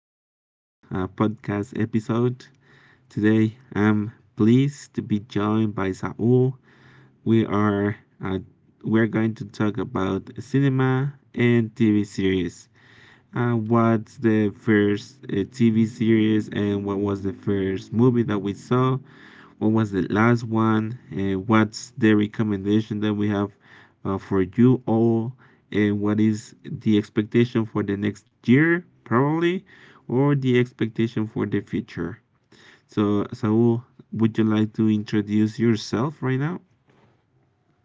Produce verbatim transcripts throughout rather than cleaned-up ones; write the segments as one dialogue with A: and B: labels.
A: this new uh, podcast episode. Today, I'm pleased to be joined by Saul. We are uh, we're going to talk about cinema and T V series. Uh, what's the first uh, T V series, and what was the first movie that we saw? What was the last one? And what's the recommendation that we have uh, for you all? And what is the expectation for the next year, probably, or the expectation for the future? So, Saul, would you like to introduce yourself right now?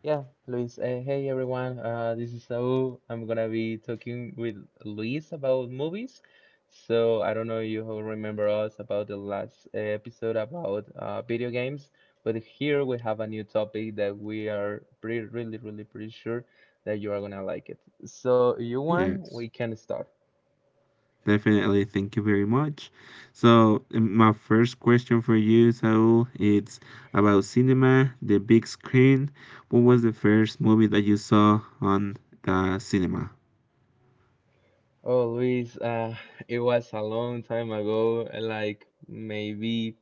B: Yeah, Luis. Uh, hey everyone, uh, this is Saul. I'm gonna be talking with Luis about movies. So I don't know you who remember us about the last uh, episode about uh, video games, but here we have a new topic that we are pretty, really, really pretty sure that you are gonna like it. So you want,
A: Yes.
B: we can start.
A: Definitely, thank you very much. So, um, my first question for you, Saul, it's about cinema, the big screen. What was the first movie that you saw on the cinema?
B: Oh, Luis, uh, it was a long time ago, like maybe.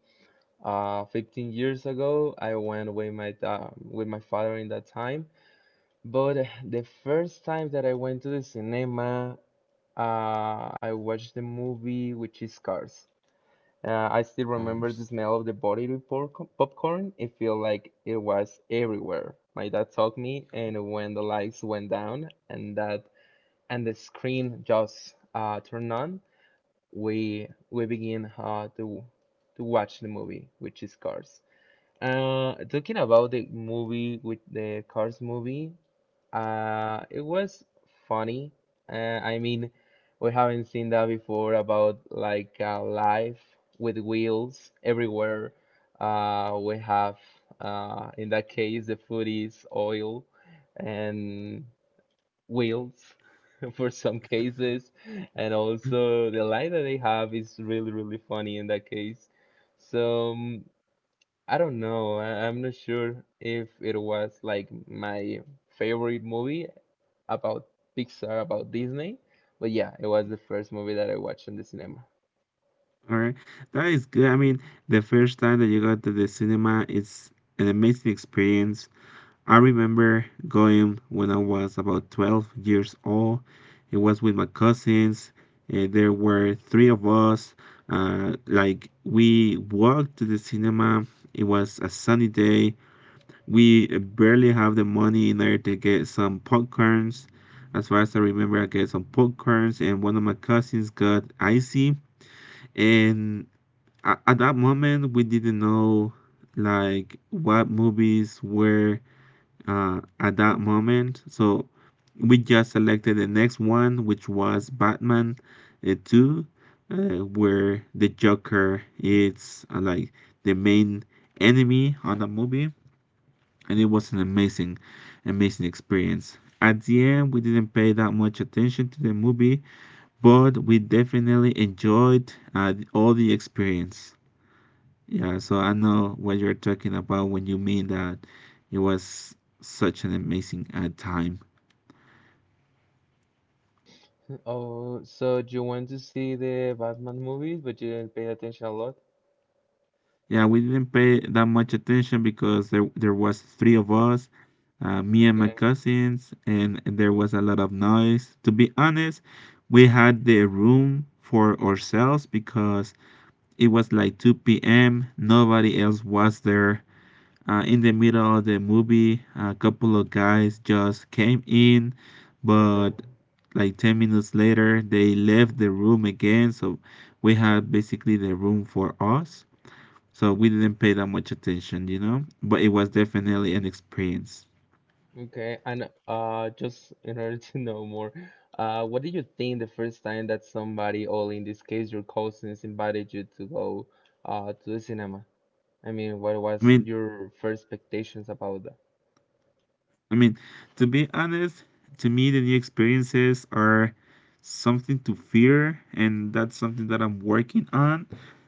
B: uh, fifteen years ago. I went with my da- with my father in that time. But the first time that I went to the cinema, uh, I watched the movie which is Cars. Uh, I still
A: Um,
B: remember the
A: s-
B: smell of the buttery porco- popcorn. It felt like it was everywhere. My dad took me, and when the lights went down and that and the screen just uh, turned on, we we begin uh, to to watch the movie, which is Cars. Uh, talking about the movie with the Cars movie, uh, it was funny. Uh, I mean, we haven't seen that before about like uh, life with wheels everywhere. Uh, we have, uh, in that case, the food is oil and wheels for some cases, and also the line that they have is really, really funny in that case. So. um, I don't know. I, I'm not sure if it was like my favorite movie about Pixar, about Disney, but yeah, it was the first movie that I watched in the cinema.
A: All right, that is good. I mean, the first time that you go to the cinema, it's an amazing experience. I remember going when I was about twelve years old. It was with my cousins. Uh, there were three of us. Uh, like, we walked to the cinema. It was a sunny day. We barely have the money in there to get some popcorns. As far as I remember, I get some popcorns, and one of my cousins got icy. And a- at that moment, we didn't know like what movies were uh, at that moment. So we just selected the next one, which was Batman uh, two, uh, where the Joker is, uh, like, the main enemy on the movie. And it was an amazing, amazing experience. At the end, we didn't pay that much attention to the movie, but we definitely enjoyed uh, all the experience. Yeah, so I know what you're talking about when you mean that it was such an amazing uh, time.
B: Oh, so you went to see the Batman movies, but you didn't pay attention a lot?
A: Yeah, we didn't pay that much attention because there there was three of us, uh, me and my
B: Okay,
A: cousins, and there was a lot of noise. To be honest, we had the room for ourselves because it was like two p m. Nobody else was there. Uh, in the middle of the movie, a couple of guys just came in,
B: okay,
A: but like ten minutes later, they left the room again. So we had basically the room for us. So we didn't pay that much attention, you know, but it was definitely an experience.
B: okay. And uh, just in order to know more, uh, what did you think the first time that somebody, or in this case your cousins, invited you to go uh to the cinema? I mean, what
A: I
B: was
A: mean,
B: your first expectations about that?
A: I mean, to be honest, to me, the new experiences are something to fear, and that's something that I'm working on.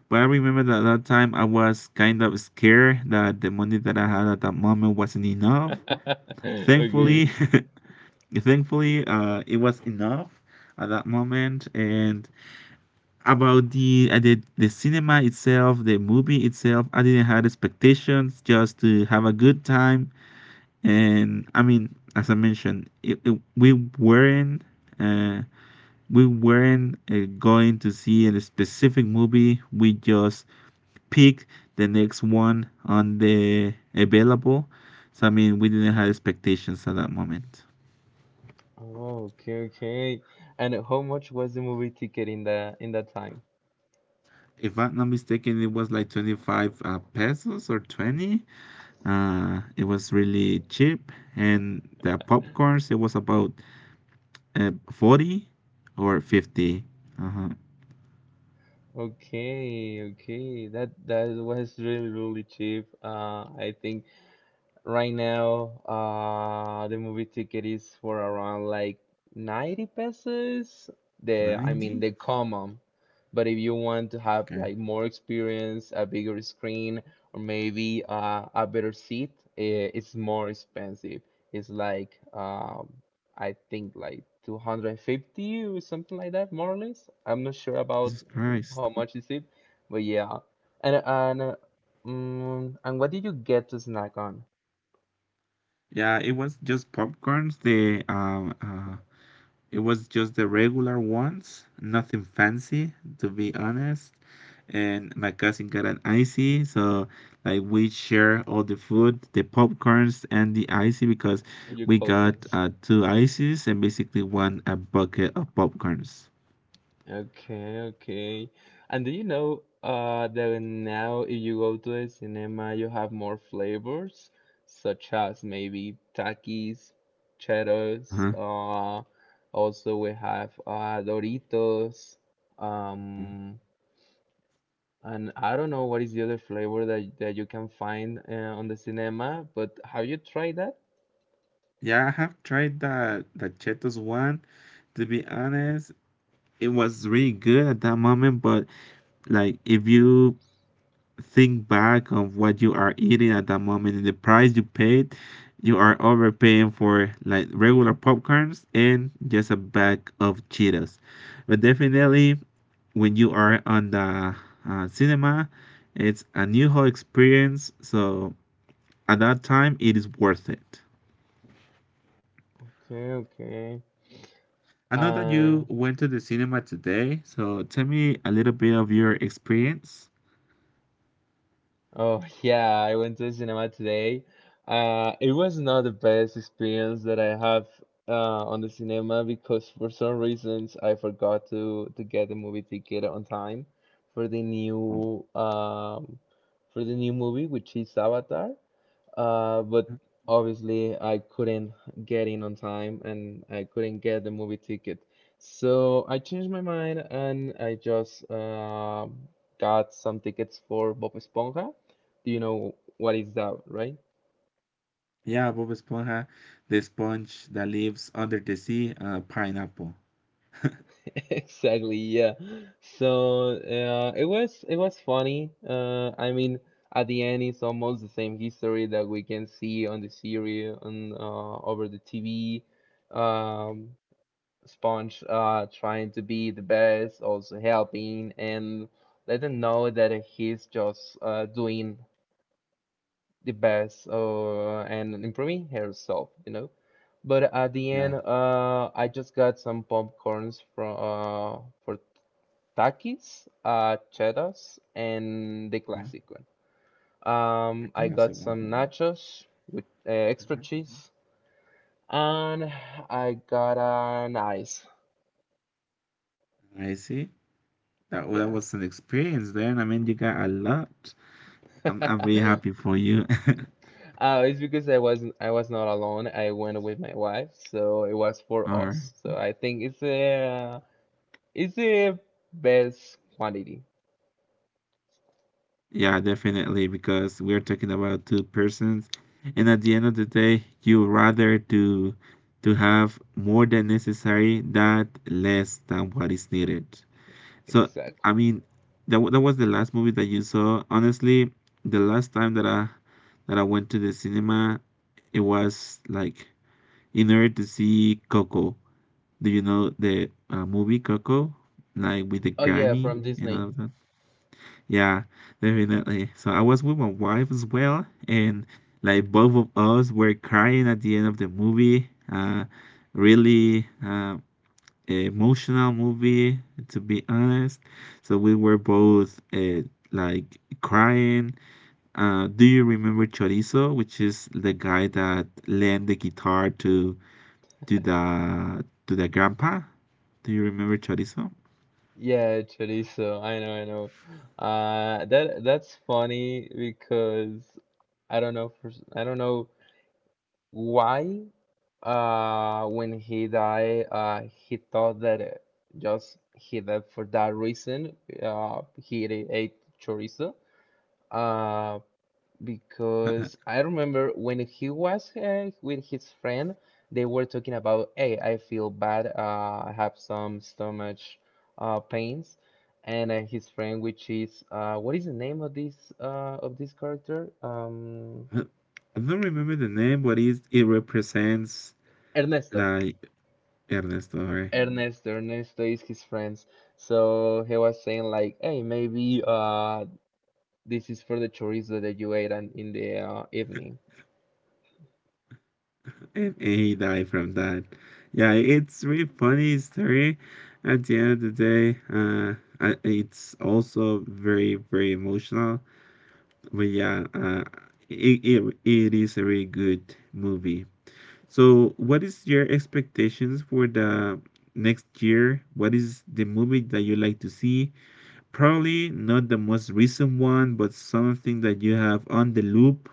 A: But I remember that that time I was kind of scared that the money that I had at that moment wasn't enough.
B: Okay.
A: Thankfully, thankfully, uh, it was enough at that moment. And about the uh, the the cinema itself, the movie itself, I didn't have expectations, just to have a good time. And I mean, as I mentioned, it, it, we weren't uh, we weren't uh, going to see a specific movie. We just picked the next one on the available. So I mean, we didn't have expectations at that moment.
B: Oh, okay, okay. And how much was the movie ticket in the in that time?
A: If I'm not mistaken, it was like twenty-five uh, pesos, or twenty. Uh, it was really cheap, and the popcorns it was about uh, forty or fifty. Uh huh.
B: Okay, okay. That that was really really cheap. Uh, I think right now, uh, the movie ticket is for around like ninety pesos. The, I mean,
A: ninety.
B: the common. But if you want to have
A: Okay.
B: like more experience, a bigger screen, or maybe uh, a better seat, eh, it's more expensive. It's like, um, I think like two hundred fifty or something like that, more or less. I'm not sure about
A: Jesus Christ.
B: how much is it, but yeah. And and uh, mm, and what did you get to snack on?
A: Yeah, it was just popcorns. The um, uh, It was just the regular ones, nothing fancy, to be honest. And my cousin got an icy, so like we share all the food, the popcorns and the icy because
B: With Your
A: we got
B: cousins.
A: uh, two ices and basically one a bucket of popcorns.
B: Okay, okay. And do you know uh that now if you go to the cinema you have more flavors such as maybe Takis, Cheetos,
A: Uh-huh.
B: uh also we have uh Doritos,
A: Mm.
B: um and I don't know what is the other flavor that that you can find uh, on the cinema, but have you tried that?
A: Yeah, I have tried that, the Cheetos one. To be honest, it was really good at that moment, but like if you think back of what you are eating at that moment and the price you paid, you are overpaying for like regular popcorns and just a bag of cheetos. But definitely, when you are on the uh, cinema, it's a new whole experience, so at that time it is worth it.
B: Okay, okay.
A: I know that
B: Uh,
A: you went to the cinema today, so tell me a little bit of your experience.
B: Oh yeah, I went to the cinema today. Uh, it was not the best experience that I have uh, on the cinema because for some reasons I forgot to to get the movie ticket on time for the
A: Oh.
B: new um, for the new movie, which is Avatar. Uh, but obviously I couldn't get in on time and I couldn't get the movie ticket. So I changed my mind and I just uh, got some tickets for Bob Esponja. Do you know what is that, right?
A: Yeah, Bob Esponja, the sponge that lives under the sea, uh, pineapple.
B: Exactly, yeah. So uh, it was it was funny. Uh, I mean, at the end, it's almost the same history that we can see on the series on uh, over the T V. Um, Sponge uh, trying to be the best, also helping, and let them know that he's just uh, doing the best uh, and improving herself, you know. But at the end,
A: Yeah,
B: uh, I just got some popcorns from uh, for Takis, uh, Cheddar's, and the
A: uh,
B: classic one. Um,
A: the
B: I got
A: classic one.
B: some nachos with uh, extra
A: Uh-huh.
B: cheese, and I got an ice.
A: I see. That, well, that
B: Yeah.
A: was an experience then. I mean, you got a lot. I'm, I'm really happy for you.
B: Uh, it's because I wasn't I was not alone. I went with my wife, so it was for
A: Or,
B: us. So I think it's a it's the best quantity.
A: yeah, definitely, because we're talking about two persons, and at the end of the day, you rather to to have more than necessary that less than what is needed. So
B: Exactly.
A: I mean, that wa- that was the last movie that you saw. Honestly, the last time that I that I went to the cinema, it was like in order to see Coco. Do you know the uh, movie Coco, like with the
B: Oh yeah,
A: granny
B: from
A: and all
B: Disney.
A: of that? Yeah, definitely. So I was with my wife as well, and like both of us were crying at the end of the movie. Uh, really, uh, emotional movie, to be honest. So we were both uh, like crying. Uh, do you remember chorizo, which is the guy that lent the guitar to to the to the grandpa? Do you remember chorizo?
B: Yeah, chorizo. I know, I know. Uh, that that's funny because I don't know for s- I don't know why. Uh, when he died, uh, he thought that uh, just he died for that reason. Uh, he ate ate chorizo uh, because I remember when he was uh, with his friend, they were talking about, hey, I feel bad, uh, I have some stomach uh, pains, and uh, his friend, which is uh, what is the name of this uh, of this character? Um,
A: Uh, i don't remember the name, but it's, it represents
B: Ernesto.
A: like Ernesto, right?
B: Ernesto, Ernesto is his friends. So he was saying like, hey, maybe uh, this is for the chorizo that you ate and in the uh, evening.
A: And he died from that. Yeah, it's really funny story. At the end of the day, uh, I- it's also very very emotional. But yeah, uh, it, it it is a really good movie. So, what is your expectations for the next year? What is the movie that you like to see? Probably not the most recent one, but something that you have on the loop.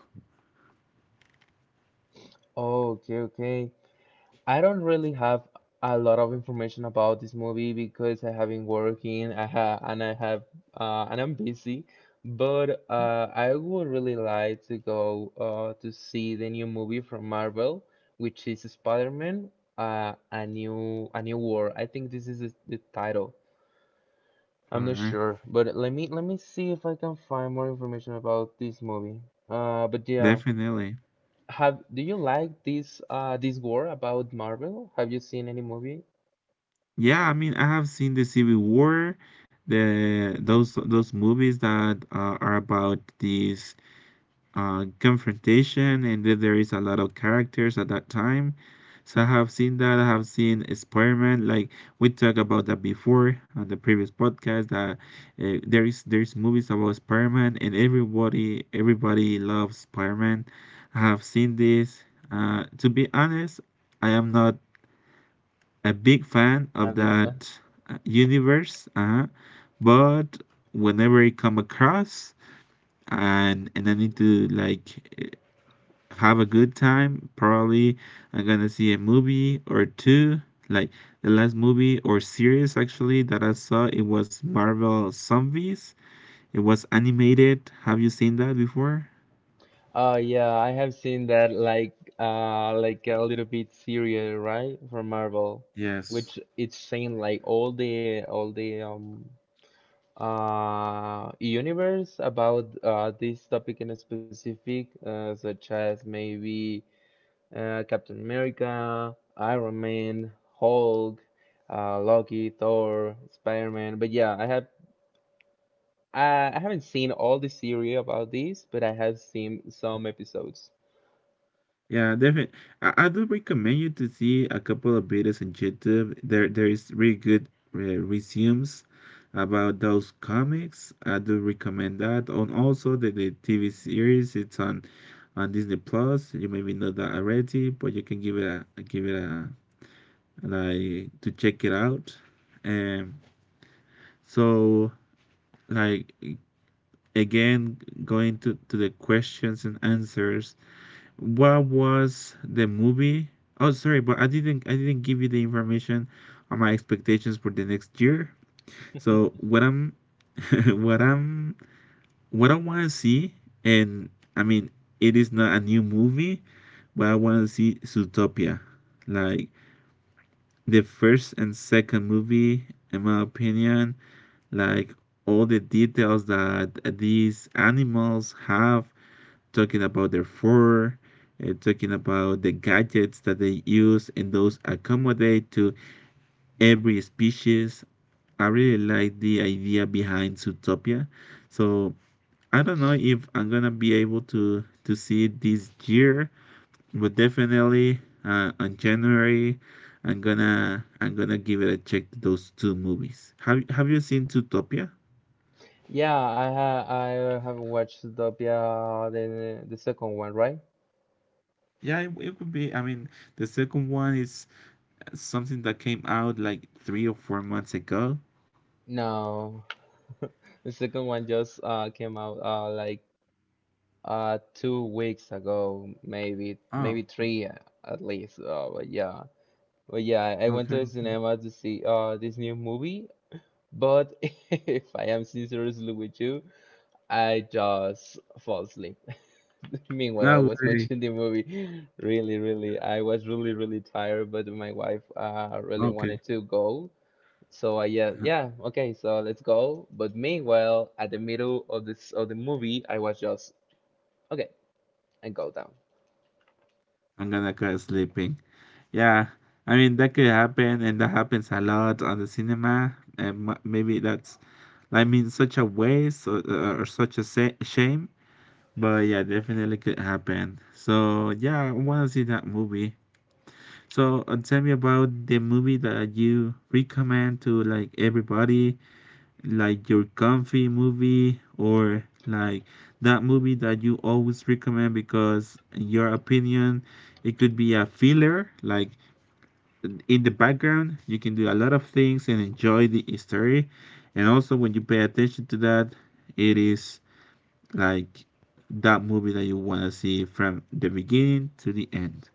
B: Oh, okay, okay. I don't really have a lot of information about this movie because I have been working, I ha and I have uh, and I'm busy. But uh, I would really like to go uh, to see the new movie from Marvel, which is Spider-Man, uh, a new a new war. I think this is the, the title.
A: All
B: I'm not
A: right,
B: sure, but let me let me see if I can find more information about this movie. Uh, but yeah,
A: definitely.
B: have do you like this uh this war about Marvel? Have you seen any movie?
A: Yeah, I mean, I have seen the Civil War, the those those movies that uh, are about this uh, confrontation, and that there is a lot of characters at that time. So I have seen that. I have seen Spider-Man. Like, we talked about that before on the previous podcast. That uh, there is there is movies about Spider-Man, and everybody everybody loves Spider-Man. I have seen this. Uh, to be honest, I am not a big fan
B: A
A: of
B: big fan.
A: that uh, universe, uh, but whenever I come across, and and I need to like eh, have a good time, probably I'm gonna see a movie or two. Like, the last movie or series actually that I saw, it was Marvel Zombies. It was animated. Have you seen that before?
B: Oh yeah, I have seen that like uh like a little bit serial, right? From Marvel,
A: Yes.
B: which it's saying like all the all the um uh universe about uh this topic in specific, uh, such as maybe uh Captain America, Iron Man, Hulk, uh Loki, Thor, Spider-Man. But yeah, I have I, I haven't seen all the series about this, but I have seen some episodes.
A: Yeah, definitely. I, I do recommend you to see a couple of videos on YouTube. There, there is really good uh, resumes about those comics. I do recommend that. And also the, the T V series. It's on on Disney Plus. You maybe know that already, but you can give it a give it a like to check it out. Um. So, like, again, going to to the questions and answers. What was the movie? Oh, sorry, but I didn't I didn't give you the information on my expectations for the next year. So what I'm what I'm what I want to see, and I mean, it is not a new movie, but I want to see Zootopia. Like, the first and second movie, in my opinion, like, all the details that these animals have, talking about their fur, uh, talking about the gadgets that they use, and those accommodate to every species. I really like the idea behind Zootopia. So I don't know if I'm gonna be able to to see it this year, but definitely uh, on January, I'm gonna I'm gonna give it a check to those two movies. Have Have you seen Zootopia?
B: Yeah, I have I have watched Zootopia, the the second one, right?
A: Yeah, it, it would be. I mean, the second one is something that came out like three or four months ago.
B: No, the second one just uh came out uh like uh two weeks ago, maybe
A: Oh,
B: maybe three uh, at least. Uh, but yeah, but yeah, I I went to
A: okay.
B: the Mhm. cinema to see uh this new movie. But if I am sincerely with you, I just fall asleep. Meanwhile,
A: No
B: I was
A: way.
B: watching the movie. Really, really, I was really, really tired, but my wife uh really
A: Okay.
B: wanted to go. So I yeah, yeah, okay, so let's go. But meanwhile, at the middle of this of the movie, I was just okay, and go down.
A: I'm gonna go sleeping. Yeah. I mean, that could happen, and that happens a lot on the cinema. And m- maybe that's, I mean, such a waste, or or such a sa- shame. But yeah, definitely could happen. So yeah, I want to see that movie. So, uh, tell me about the movie that you recommend to, like, everybody. Like, your comfy movie, or like that movie that you always recommend because, in your opinion, it could be a filler. Like, in the background, you can do a lot of things and enjoy the story, and also when you pay attention to that, it is like that movie that you want to see from the beginning to the end.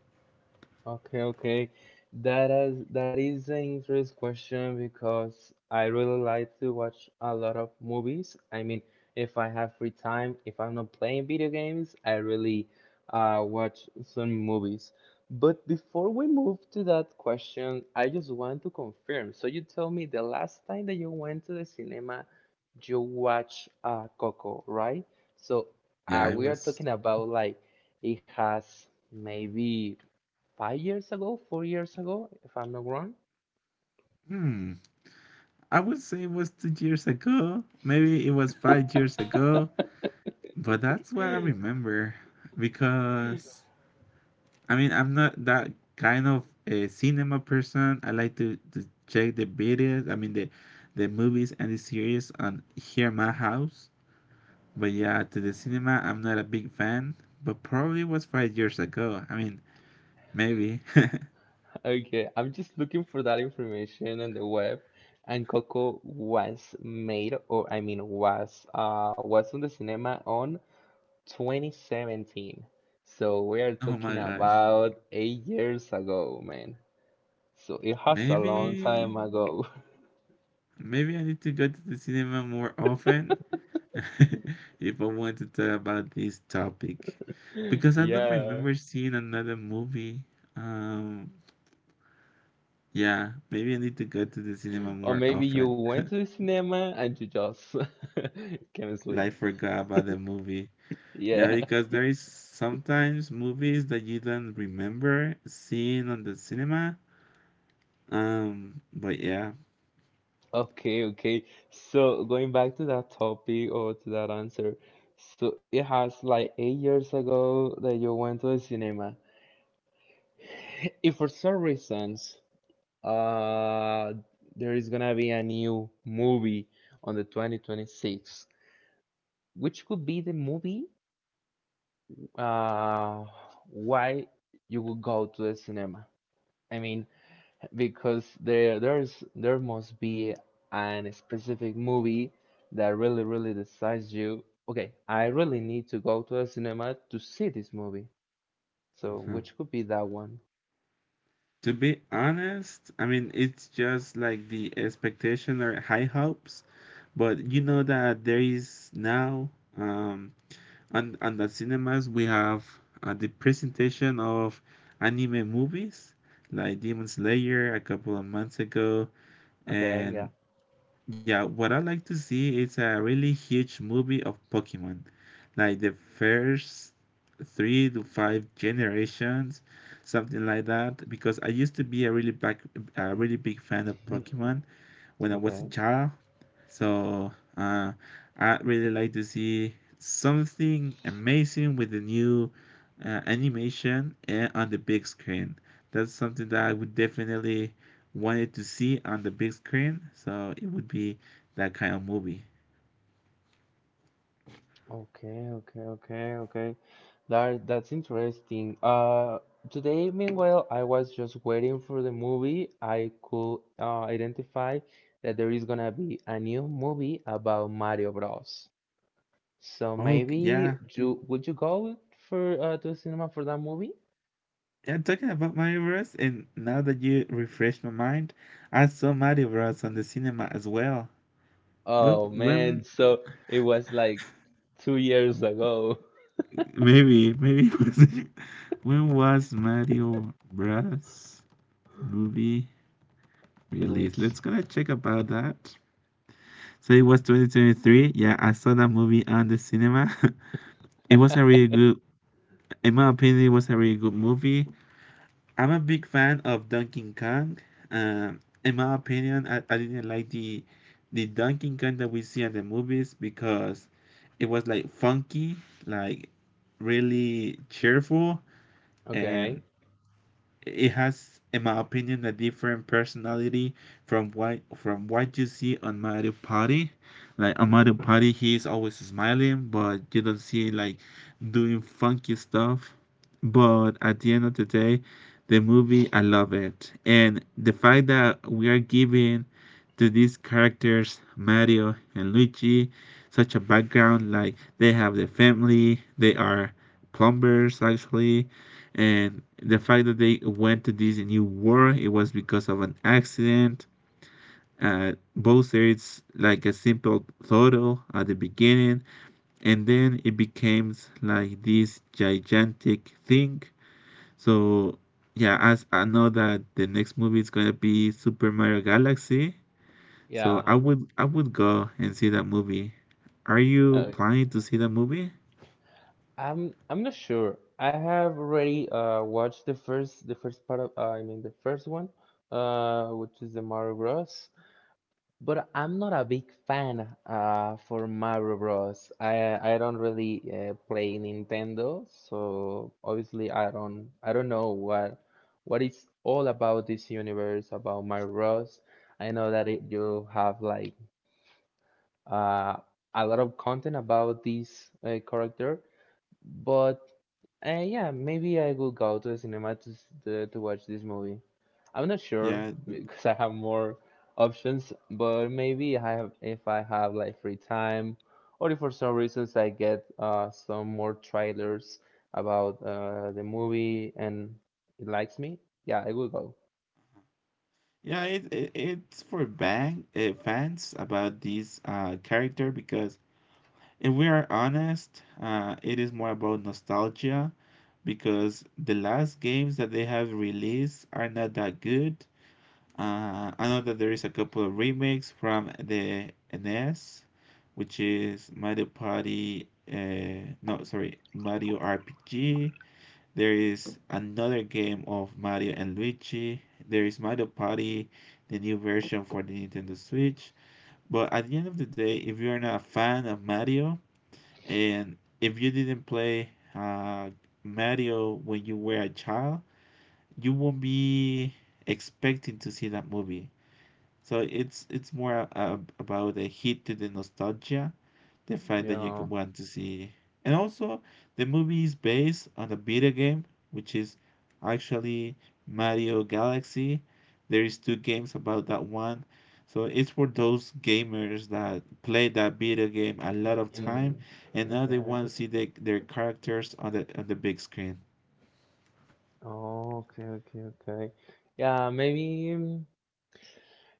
B: Okay, okay. That is that is an interesting question because I really like to watch a lot of movies. I mean, if I have free time, if I'm not playing video games, I really uh, watch some movies. But before we move to that question, I just want to confirm. So you tell me the last time that you went to the cinema, you watched uh, Coco, right? So uh,
A: Yeah, it
B: we are
A: was.
B: talking about like it has maybe five years ago, four years ago, if I'm not wrong.
A: Hmm, I would say it was two years ago. Maybe it was five years ago. But that's what I remember, because I mean, I'm not that kind of a cinema person. I like to, to check the videos, I mean the the movies and the series on here in my house. But yeah, to the cinema I'm not a big fan. But probably was five years ago. I mean, maybe.
B: Okay, I'm just looking for that information on the web, and Coco was made, or I mean, was uh was on the cinema on twenty seventeen. So we are
A: Oh my
B: talking
A: gosh.
B: about eight years ago, man. So it has a long
A: Maybe
B: time ago.
A: maybe I need to go to the cinema more often. If I want to talk about this topic, because I don't
B: Yeah.
A: remember seeing another movie. Um, yeah, maybe I need to go to the cinema
B: Or
A: more
B: maybe you
A: often.
B: went to the cinema and you just can't sleep.
A: Like forgot about the movie. Yeah,
B: Yeah.
A: because there is sometimes movies that you don't remember seeing on the cinema. Um, but yeah.
B: Okay, okay. So going back to that topic or to that answer, so it has like eight years ago that you went to the cinema. If for some reasons uh there is gonna be a new movie on the twenty twenty-six, which could be the movie uh why you would go to the cinema? I mean, because there there's there must be an specific movie that really really decides you, okay, I really need to go to a cinema to see this movie, so
A: Uh-huh.
B: which could be that one?
A: To be honest, I mean, it's just like the expectation or high hopes, but you know that there is now um And and at cinemas we have uh, the presentation of anime movies like Demon Slayer a couple of months ago.
B: Okay
A: And
B: yeah.
A: yeah, what I like to see is a really huge movie of Pokemon, like the first three to five generations, something like that. Because I used to be a really back, a really big fan of Pokemon when I was a
B: Okay,
A: child, so uh, I'd really like to see something amazing with the new uh, animation and on the big screen. That's something that I would definitely wanted to see on the big screen. So it would be that kind of movie.
B: okay, okay, okay, okay, that that's interesting. Uh, today meanwhile I was just waiting for the movie I could uh, identify that there is gonna be a new movie about Mario Bros. So
A: Oh g-
B: maybe
A: yeah.
B: you would you go for uh, to cinema for that movie?
A: Yeah, talking about Mario Bros. And now that you refreshed my mind, I saw Mario Bros. On the cinema as well. When
B: Oh man,
A: when
B: so it was like two years ago
A: maybe maybe it was when was Mario Bros. Movie release.
B: release.
A: Let's gonna check about that. So it was twenty twenty-three. Yeah, I saw that movie on the cinema. It was a really good, in my opinion, it was a really good movie. I'm a big fan of Donkey Kong. Um, in my opinion, I, I didn't like the the Donkey Kong that we see in the movies because it was like funky, like really cheerful,
B: Okay,
A: and it has, in my opinion, a different personality from what from what you see on Mario Party. Like on Mario Party, he's always smiling, but you don't see like doing funky stuff. But at the end of the day, the movie, I love it, and the fact that we are giving to these characters Mario and Luigi such a background. Like they have their family, they are plumbers actually, and the fact that they went to this new war it was because of an accident, uh, both it's like a simple photo at the beginning and then it becomes like this gigantic thing. So yeah, as I know that the next movie is going to be Super Mario Galaxy, so
B: yeah.
A: i would i would go and see that movie. Are you
B: Uh,
A: planning to see that movie?
B: I'm I'm not sure. I have already uh watched the first the first part of uh, I mean the first one, uh, which is the Mario Bros. But I'm not a big fan uh, for Mario Bros. I I don't really uh, play Nintendo, so obviously I don't I don't know what what is all about this universe about Mario Bros. I know that it, you have like uh, a lot of content about this uh, character, but uh, yeah, maybe I will go to the cinema to s- to, to watch this movie. I'm not sure
A: Yeah.
B: because I have more options, but maybe I have if I have like free time, or if for some reasons I get uh some more trailers about uh the movie and it likes me, yeah, I will go.
A: Yeah, it, it it's for bang uh, fans about this uh, character because if we are honest, uh, it is more about nostalgia because the last games that they have released are not that good. Uh, I know that there is a couple of remakes from the N E S, which is Mario Party, uh, no, sorry, Mario R P G. There is another game of Mario and Luigi. There is Mario Party, the new version for the Nintendo Switch. But at the end of the day, if you're not a fan of Mario and if you didn't play uh, Mario when you were a child, you won't be expecting to see that movie. So it's it's more a, a, about a hit to the nostalgia the
B: You
A: fact that you could
B: know,
A: want to see. And also, the movie is based on a video game, which is actually Mario Galaxy. There is two games about that one. So it's for those gamers that play that video game a lot of time,
B: in
A: and now they
B: okay,
A: want to see the, their characters on the on the big screen.
B: okay, okay, okay. Yeah, maybe. mm,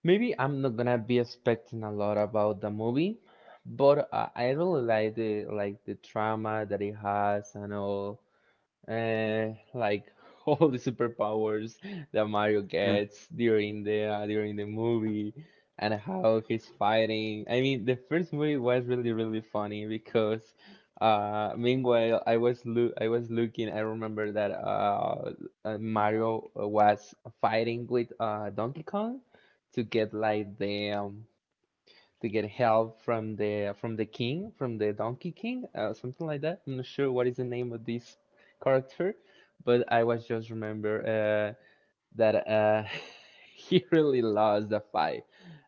B: Maybe I'm not gonna be expecting a lot about the movie, but I, I really like the like the trauma that it has and all uh, like all the superpowers that Mario
A: Uh,
B: gets during the uh, during the movie and how he's fighting. I mean, the first movie was really really funny because uh meanwhile I was lo I was looking. I remember that uh uh, Mario was fighting with uh Donkey Kong to get like the um, to get help from the from the king, from the Donkey King, uh, something like that. I'm not sure what is the name of this character, but I was just remember uh, that uh, he really lost the fight.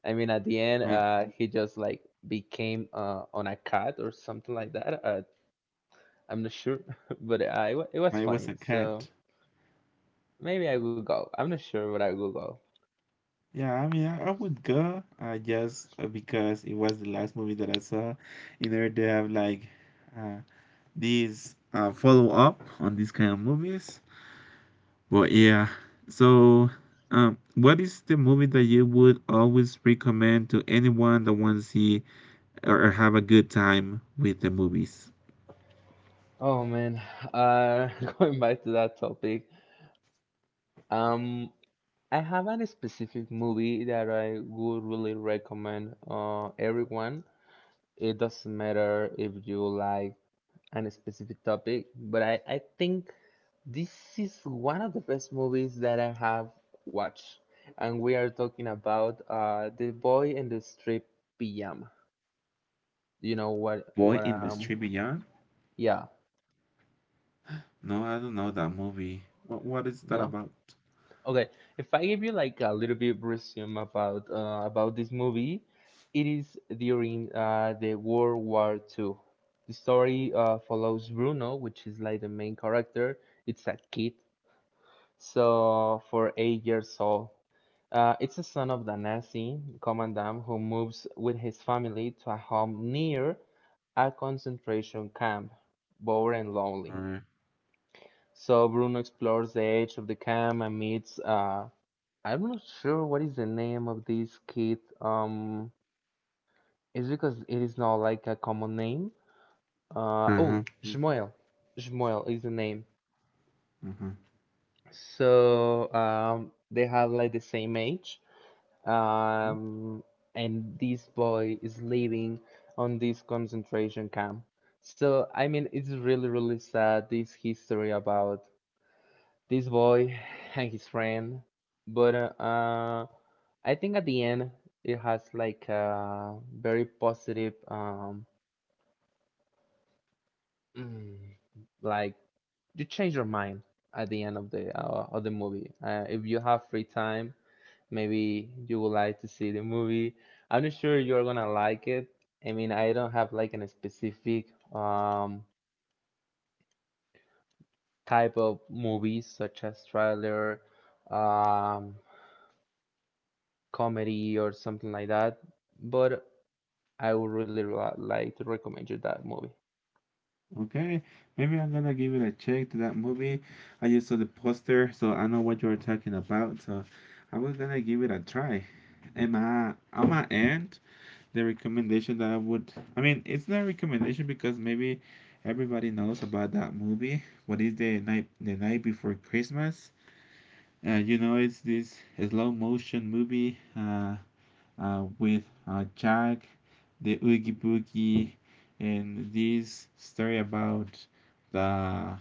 B: I mean, at the end,
A: uh,
B: uh, he just like became uh, on a cat or something like that. Uh, I'm not sure, but uh, it, it was
A: it was a
B: funny. So
A: cat.
B: maybe I will go. I'm not sure, but I will go.
A: Yeah, I mean, I, I would go uh, just uh, because it was the last movie that I saw, in order to have like uh, these uh, follow up on these kind of movies. But yeah, so um, what is the movie that you would always recommend to anyone that wants to see or or have a good time with the movies?
B: Oh man, uh, going back to that topic. Um, I haven't a specific movie that I would really recommend uh, everyone. It doesn't matter if you like a specific topic, but I, I think this is one of the best movies that I have watched. And we are talking about uh, The Boy in the Striped Pyjama. You know what,
A: Boy
B: what,
A: in the
B: um,
A: Street Beyond?
B: yeah,
A: No, I don't know that movie. What what is that
B: no?
A: about?
B: Okay, if I give you like a little bit of resume about uh, about this movie, it is during uh, the World War Two. The story uh, follows Bruno, which is like the main character. It's a kid, so for eight years old. Uh, it's a son of the Nazi commandant who moves with his family to a home near a concentration camp, bored and lonely.
A: Or
B: So Bruno explores the edge of the camp and meets uh, I'm not sure what is the name of this kid. Um, it's because it is not like a common name.
A: uh
B: Uh,
A: huh.
B: oh, Mm. Shmuel. Shmuel is the name.
A: Uh-huh.
B: So um, they have like the same age. Um, and this boy is living on this concentration camp. So I mean, it's really really sad this history about this boy and his friend. But uh, uh, I think at the end it has like a very positive, um, mm, like you change your mind at the end of the uh, of the movie. Uh, if you have free time, maybe you would like to see the movie. I'm not sure you're gonna like it. I mean, I don't have like a specific um, type of movies such as thriller, um, comedy or something like that. But I would really li- like to recommend you that movie.
A: Okay, maybe I'm gonna give it a check to that movie. I just saw the poster, so I know what you're talking about. So I was gonna give it a try. And my on my end, the recommendation that I would, I mean, it's not a recommendation because maybe everybody knows about that movie. What is the night, the night before Christmas? Uh, you know, it's this slow motion movie. Uh, uh, with uh, Jack, the Oogie Boogie, and this story about the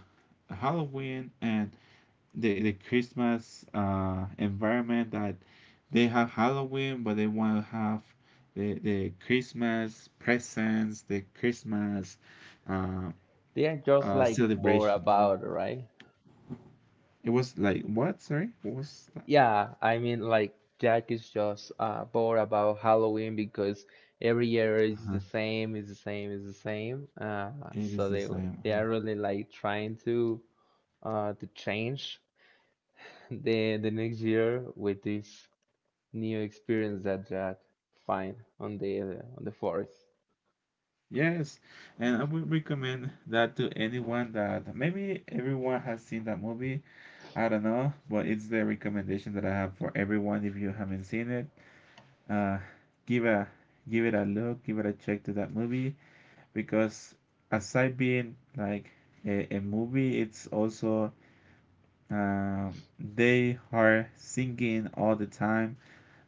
A: Halloween and the, the Christmas uh, environment that they have Halloween, but they want to have the, the Christmas presents, the Christmas uh,
B: They are just
A: uh,
B: like bored
A: celebration.
B: about, right?
A: It was like, what? Sorry? What was that?
B: Yeah, I mean, like Jack is just uh, bored about Halloween because every year is
A: Uh-huh.
B: the same, is the same, is the same. Uh,
A: It is
B: so
A: the
B: they
A: same.
B: they
A: Uh-huh.
B: are really like trying to uh to change the the next year with this new experience that Jack find on the on the forest.
A: Yes, and I would recommend that to anyone that maybe everyone has seen that movie. I don't know, but it's the recommendation that I have for everyone. If you haven't seen it, uh, give a give it a look, give it a check to that movie, because aside being like a, a movie, it's also um, they are singing all the time.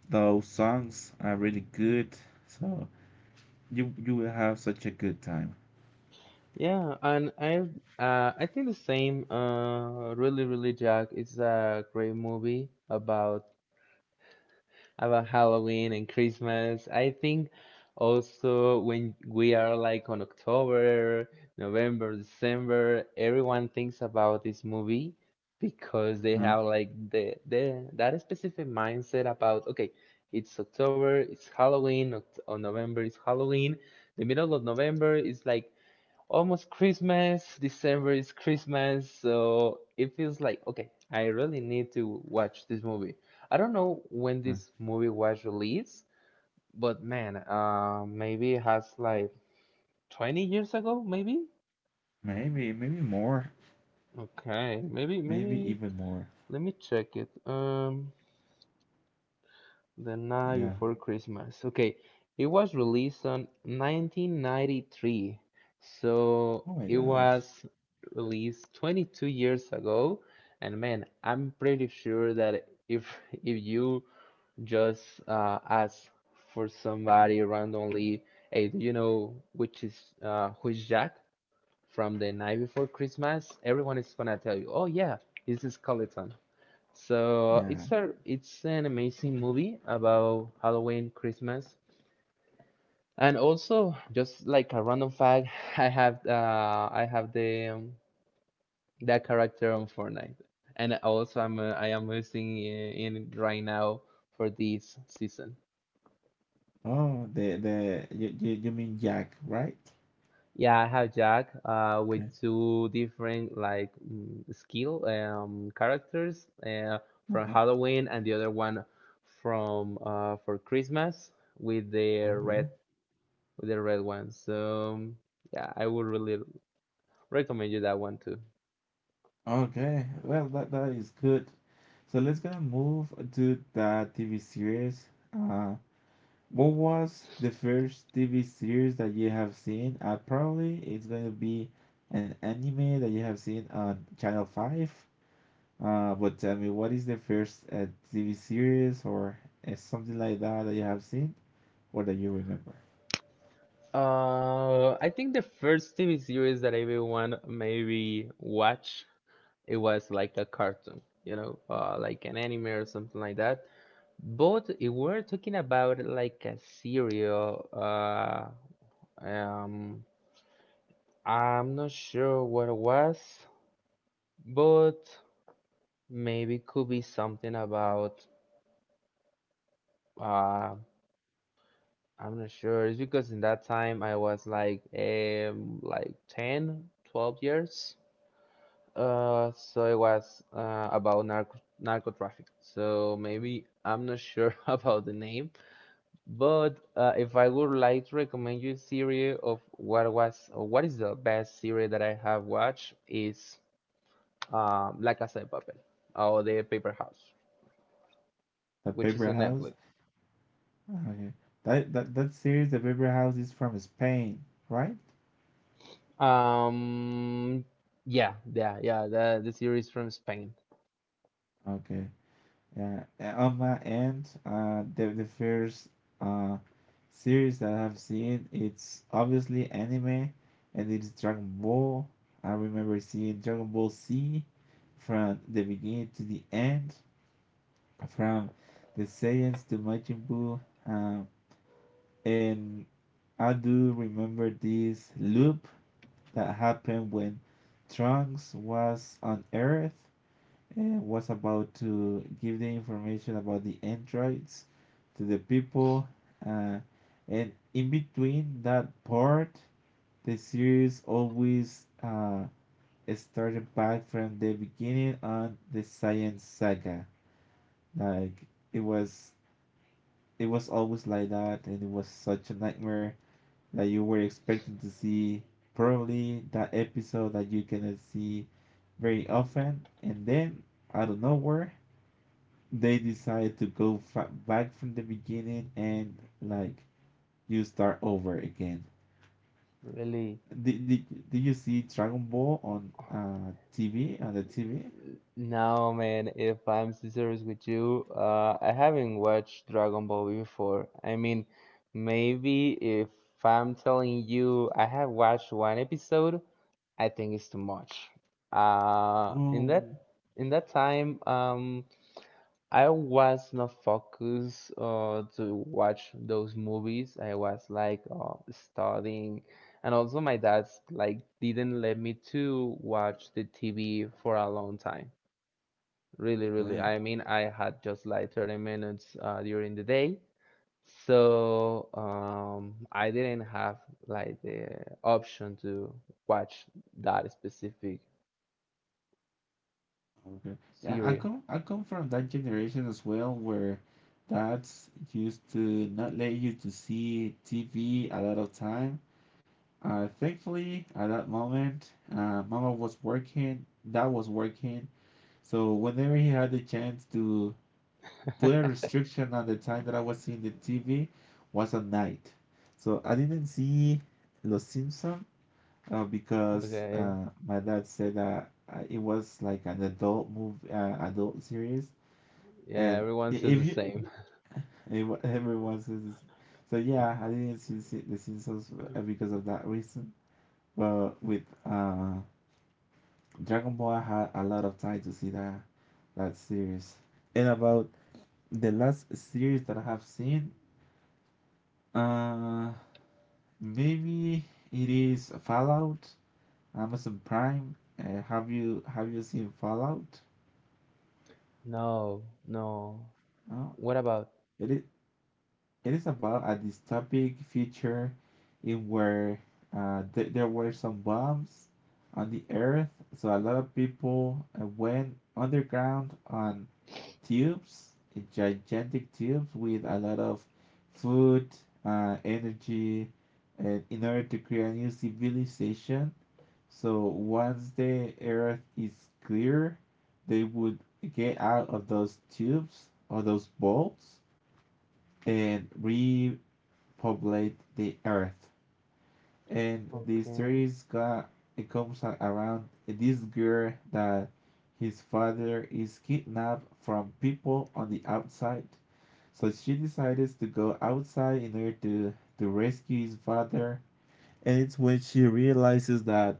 A: Those songs are really good, so you you will have such a good time.
B: Yeah, and I uh, I think the same. Uh, really, really, Jack. It's a great movie about about Halloween and Christmas. I think also when we are like on October, November, December, everyone thinks about this movie because they
A: Mhm.
B: have like the the that specific mindset about okay, it's October, it's Halloween, Oct- on November is Halloween. The middle of November is like almost Christmas. December is Christmas, so it feels like okay, I really need to watch this movie. I don't know when this movie was released, but man, uh, maybe it has like twenty years ago, maybe?
A: Maybe, maybe more,
B: Okay, maybe
A: maybe
B: maybe
A: even more.
B: let me check it. Um, The Night
A: Yeah.
B: Before Christmas. Okay, it was released on nineteen ninety-three, so
A: Oh my
B: it
A: gosh.
B: was released twenty-two years ago. And man, I'm pretty sure that if if you just uh, ask for somebody randomly, hey, do you know which is uh, who is Jack from The Night Before Christmas? Everyone is gonna tell you, oh yeah, this is Skeleton. So
A: Yeah.
B: it's a it's an amazing movie about Halloween, Christmas, and also just like a random fact, I have uh I have the um, that character on Fortnite, and also I'm uh, I am using in, in right now for this season.
A: Oh, the the you you, you mean Jack, right?
B: Yeah, I have Jack uh with
A: Okay.
B: two different like mm, skill um characters uh from
A: Uh-huh.
B: Halloween and the other one from uh for Christmas with the red
A: Okay.
B: with the red one. So yeah, I would really recommend you that one too.
A: Okay. Well, that that is good. So let's gonna move to the T V series. Uh, what was the first T V series that you have seen? Uh, probably it's gonna be an anime that you have seen on Channel Five. Uh, but tell me, what is the first uh, T V series or uh, something like that that you have seen or that you remember?
B: Uh, I think the first T V series that everyone maybe watch it was like a cartoon, you know, uh, like an anime or something like that. But if we're talking about like a serial, uh, um, I'm not sure what it was, but maybe could be something about uh I'm not sure. It's because in that time I was like um like ten, twelve years. Uh, so it was uh, about narco narco traffic. So maybe I'm not sure about the name, but uh, if I would like to recommend you a series of what was or what is the best series that I have watched is um La Casa de Papel or The Paper House,
A: The
B: which is
A: Paper
B: on
A: House?
B: Netflix.
A: Okay. That, that, that series, The Paper House, is from Spain, right?
B: Um, yeah, yeah, yeah. The the series from Spain.
A: Okay. Yeah. And on my end, uh, the, the first uh, series that I have seen, it's obviously anime and it is Dragon Ball. I remember seeing Dragon Ball Z from the beginning to the end, from the Saiyans to Majin Buu. Um, and I do remember this loop that happened when Trunks was on Earth and was about to give the information about the androids to the people. Uh, and in between that part, the series always uh, started back from the beginning on the Science Saga. Like it was it was always like that and it was such a nightmare that you were expecting to see probably that episode that you cannot see very often and then out of nowhere they decide to go fa- back from the beginning and like you start over again.
B: Really?
A: Did, did, did you see Dragon Ball on uh TV, on the TV?
B: No, man, if I'm serious with you, uh, I haven't watched Dragon Ball before. I mean, maybe if I'm telling you I have watched one episode, I think it's too much. Uh, in that
A: Oh,
B: in that time, um, I was not focused uh, to watch those movies. I was like uh, studying, and also my dad's like didn't let me to watch the T V for a long time. Really, really.
A: yeah.
B: I mean, I had just like thirty minutes uh, during the day, so um, I didn't have like the option to watch that specific
A: Okay. Yeah, I
B: series.
A: come I come from that generation as well where dads used to not let you to see T V a lot of time. Uh, thankfully, at that moment, uh, mama was working, dad was working. So whenever he had the chance to put a restriction on the time that I was seeing the T V was at night. So I didn't see Los Simpson, uh, because
B: Okay,
A: uh, my dad said that uh, it was like an adult movie, uh, adult series,
B: yeah,
A: and
B: everyone
A: I-
B: says
A: if
B: the
A: you,
B: same.
A: and wha- everyone says this. So yeah, I didn't see see The Simpsons, uh, because of that reason. But with uh, Dragon Ball, I had a lot of time to see that that series. And about the last series that I have seen, uh, maybe it is Fallout, Amazon Prime. Uh, have you have you seen Fallout?
B: No, no.
A: No,
B: What about?
A: it is. It is about a dystopic future in where uh, th- there were some bombs on the earth, so a lot of people uh, went underground on tubes, uh, gigantic tubes with a lot of food, uh, energy, and in order to create a new civilization. So once the earth is clear, they would get out of those tubes or those bolts and re populate the earth. And the
B: Okay,
A: series got it comes around this girl that his father is kidnapped from people on the outside. So she decides to go outside in order to, to rescue his father. And it's when she realizes that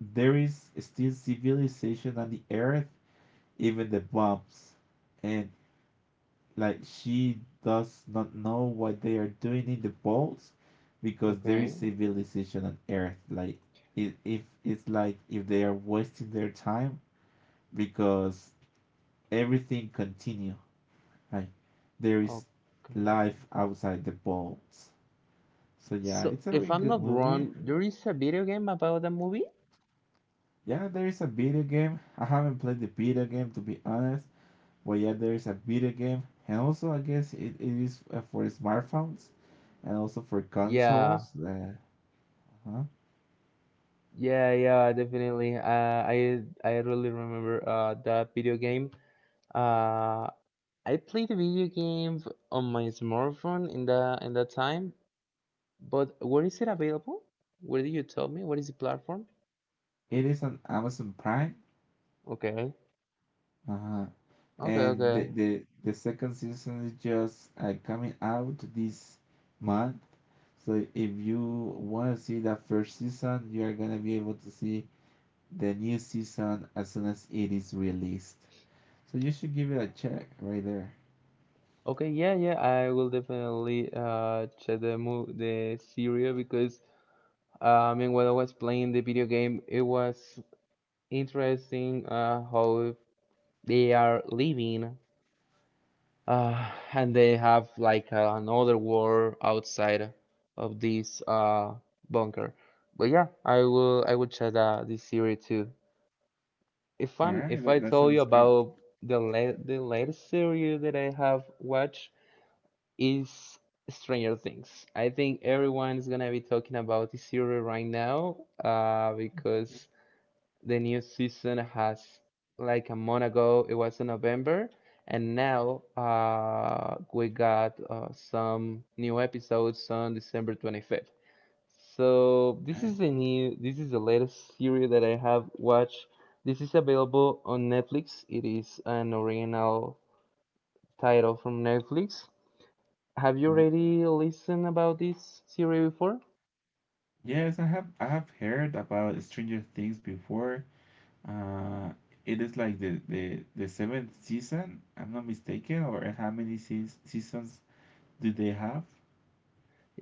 A: there is still civilization on the earth, even the bombs. And like she does not know what they are doing in the vaults because there
B: okay,
A: is civilization on earth like it, if it's like if they are wasting their time because everything continue like there is
B: okay.
A: life outside the vaults. So yeah,
B: So,
A: it's a
B: if
A: really
B: I'm
A: good
B: not
A: movie.
B: wrong, there is a video game about the movie?
A: Yeah, there is a video game. I haven't played the video game to be honest, but yeah, there is a video game. And also I guess it, it is uh, for smartphones and also for
B: Yeah,
A: consoles. uh, Uh-huh.
B: yeah, yeah, definitely. Uh, I I really remember uh that video game. Uh, I played the video game on my smartphone in the in that time, but where is it available? Where did you tell me? What is the platform?
A: It is on Amazon Prime.
B: Okay,
A: Uh-huh.
B: okay,
A: And the,
B: okay.
A: the the second season is just uh, coming out this month. So if you want to see that first season, you are gonna be able to see the new season as soon as it is released. So you should give it a check right there.
B: Okay, yeah, yeah, I will definitely uh check the move the series because uh, I mean when I was playing the video game, it was interesting uh how they are living uh and they have like uh, another world outside of this uh bunker. But yeah, I will I will check uh, this series too. If
A: All
B: I'm
A: right,
B: if
A: that,
B: I
A: that
B: tell you
A: sounds great.
B: about the la the latest series that I have watched, is Stranger Things. I think everyone's gonna be talking about this series right now uh, because the new season has like a month ago. It was in November, and now uh, we got uh, some new episodes on December twenty-fifth. So this
A: Okay.
B: is the new, this is the latest series that I have watched. This is available on Netflix. It is an original title from Netflix. Have you
A: Uh-huh.
B: already listened about this series before?
A: Yes, I have I have heard about Stranger Things before. Uh, it is like the, the, the seventh season, I'm not mistaken, or how many seas seasons do they have?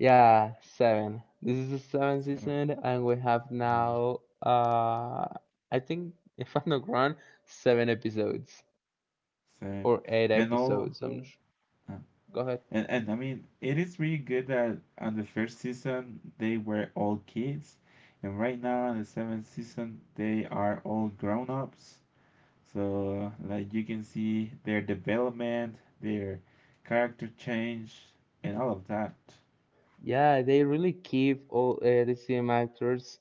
B: Yeah, seven. This is the seventh
A: Seven.
B: season, and we have
A: Uh,
B: now, uh, I think, if I'm not wrong, seven episodes
A: seven.
B: or eight
A: And all.
B: episodes. I'm not sure.
A: Uh,
B: Go ahead.
A: and, and I mean, it is really good that on the first season they were all kids, and right now on the seventh season they are all grown ups. So, like, you can see their development, their character change, and all of that.
B: Yeah, they really keep all uh, the same actors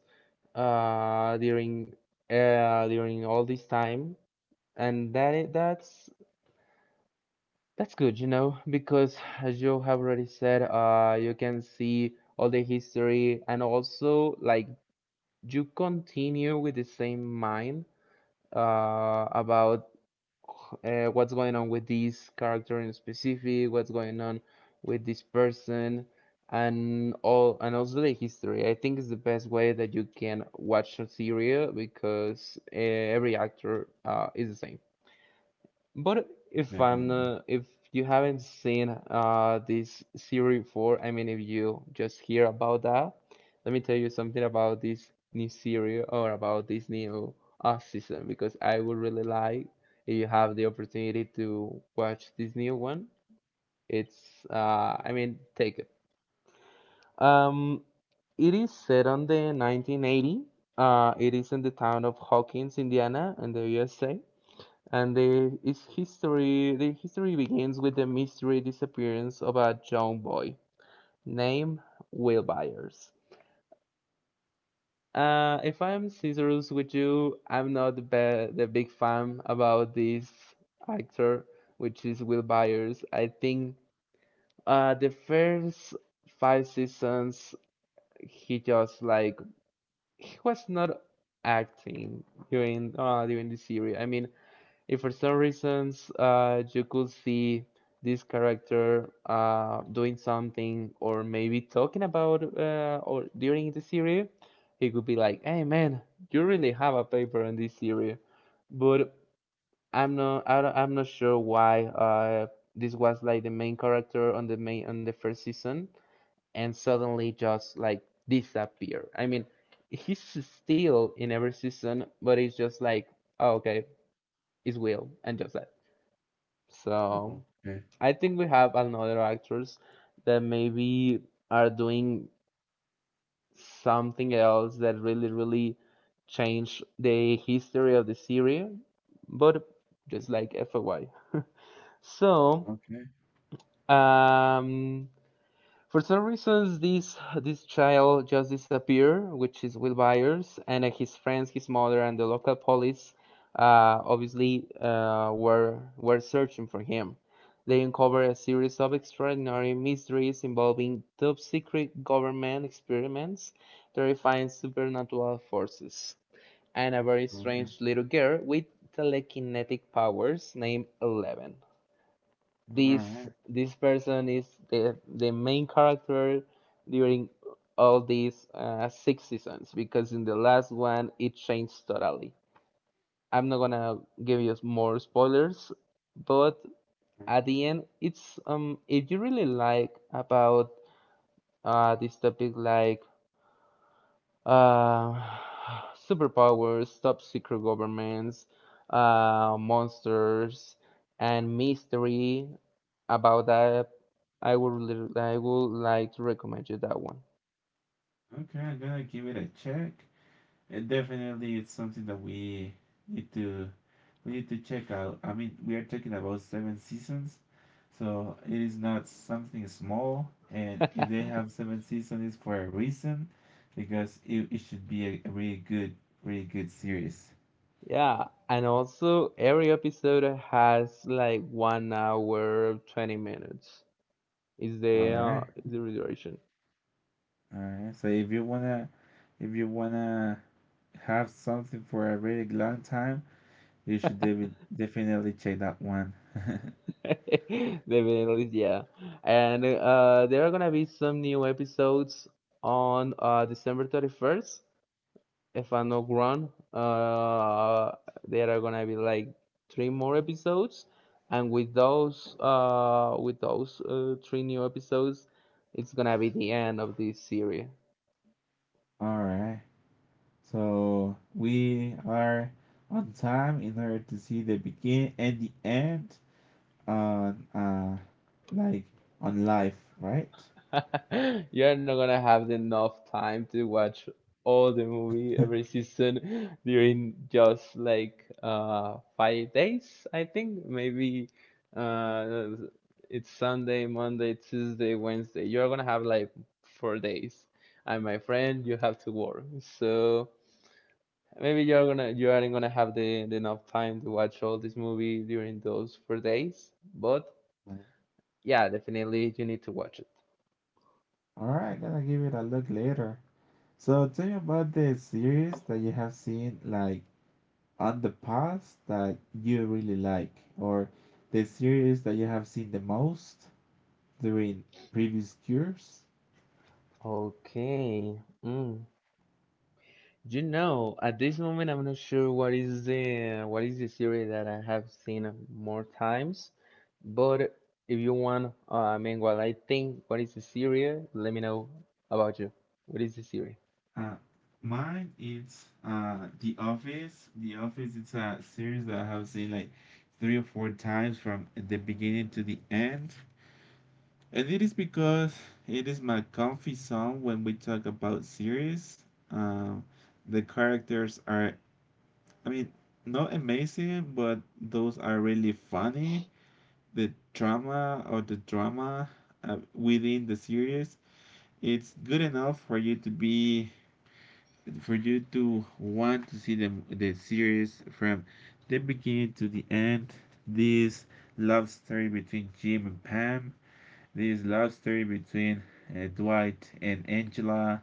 B: uh during uh during all this time, and that i- that's that's good, you know, because as you have already said, uh, you can see all the history and also like you continue with the same mind uh, about uh, what's going on with this character in specific, what's going on with this person, and all and also the history. I think it's the best way that you can watch a series because uh, every actor uh, is the same. But if I'm
A: Definitely.
B: not, if you haven't seen uh this series before, I mean, if you just hear about that, let me tell you something about this new series or about this new uh season because I would really like if you have the opportunity to watch this new one. It's uh, I mean, take it. Um, it is set on the nineteen eighty. Uh, it is in the town of Hawkins, Indiana, in the U S A and the its history the history begins with the mystery disappearance of a young boy named Will Byers. Uh, if I'm serious with you, I'm not the, be- the big fan about this actor, which is Will Byers. I think uh, the first five seasons he just like he was not acting during uh, during the series. I mean, if for some reasons uh, you could see this character uh, doing something or maybe talking about uh, or during the series, he could be like, "Hey man, you really have a paper in this series," but I'm not I don't- I'm not sure why uh, this was like the main character on the main on the first season and suddenly just like disappear. I mean, he's still in every season, but it's just like, oh, okay, it's Will and just that. So
A: Okay.
B: I think we have another actors that maybe are doing something else that really, really change the history of the series, but just like F Y. So,
A: Okay.
B: um, for some reasons, this this child just disappeared, which is Will Byers and uh, his friends, his mother, and the local police. Uh, obviously, uh, were were searching for him. They uncovered a series of extraordinary mysteries involving top secret government experiments, terrifying supernatural forces, and a very
A: Mhm.
B: strange little girl with telekinetic powers named Eleven.
A: All
B: this
A: right.
B: this person is the the main character during all these uh, six seasons because in the last one it changed totally. I'm not gonna give you more spoilers, but at the end, it's um if you really like about uh this topic like uh, superpowers, top secret governments, uh, monsters, and mystery. About that, I would li- I would like to recommend you that one.
A: Okay, I'm gonna give it a check. And definitely it's something that we need to we need to check out. I mean, we are talking about seven seasons, so it is not something small. And if they have seven seasons, it's for a reason, because it, it should be a, a really good, really good series.
B: Yeah, and also every episode has like one hour twenty minutes. Is the
A: All
B: uh,
A: right,
B: is the duration?
A: all right. So if you wanna, if you wanna have something for a really long time, you should devi- definitely check that one.
B: Definitely, yeah. And uh, there are gonna be some new episodes on uh, December thirty first, if I'm not wrong. Uh, there are gonna be like three more episodes, and with those, uh, with those uh, three new episodes, it's gonna be the end of this series.
A: Alright, so we are on time in order to see the begin and the end on uh like on life, right?
B: You're not gonna have enough time to watch all the movie every season during just like uh five days, I think. Maybe uh it's Sunday, Monday, Tuesday, Wednesday. You're gonna have like four days. And my friend, you have to work. So maybe you're gonna you aren't gonna have the, the enough time to watch all this movie during those four days. But yeah, definitely you need to watch it.
A: Alright, gonna give it a look later. So tell me about the series that you have seen like on the past that you really like or the series that you have seen the most during previous years.
B: Okay. Mm. You know, at this moment, I'm not sure what is the what is the series that I have seen more times, but if you want, uh, I mean, what I think, what is the series? Let me know about you. What is the series?
A: Uh, mine is uh The Office. The Office, it's a series that I have seen like three or four times from the beginning to the end. And it is because it is my comfy song when we talk about series. Um, the characters are, I mean, not amazing, but those are really funny. The drama or the drama, uh, within the series, it's good enough for you to be for you to want to see the, the series from the beginning to the end. This love story between Jim and Pam, this love story between uh, Dwight and Angela,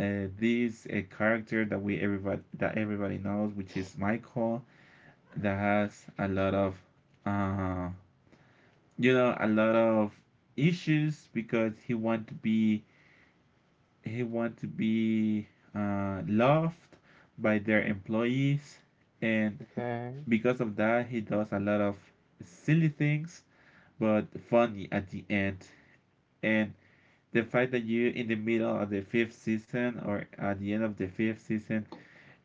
A: uh, this a uh, character that we everybody that everybody knows, which is Michael, that has a lot of, uh, you know, a lot of issues because he want to be he want to be uh, loved by their employees, and
B: Okay.
A: because of that he does a lot of silly things but funny at the end. And the fact that you, in the middle of the fifth season, or at the end of the fifth season,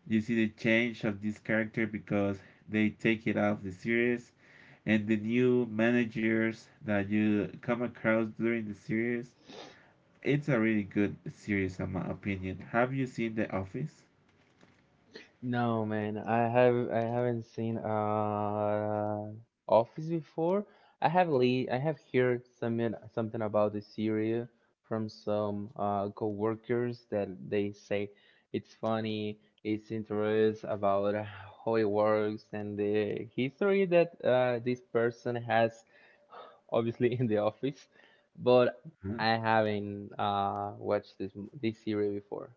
A: you see the change of this character because they take it out of the series, and the new managers that you come across during the series, it's a really good series in my opinion. Have you seen The Office?
B: No, man, I have I haven't seen uh Office before. I have le I have heard something something about the series from some uh coworkers that they say it's funny, it's interest about how it works and the history that uh this person has obviously in the office, but
A: Uh-huh.
B: I haven't uh watched this this series before.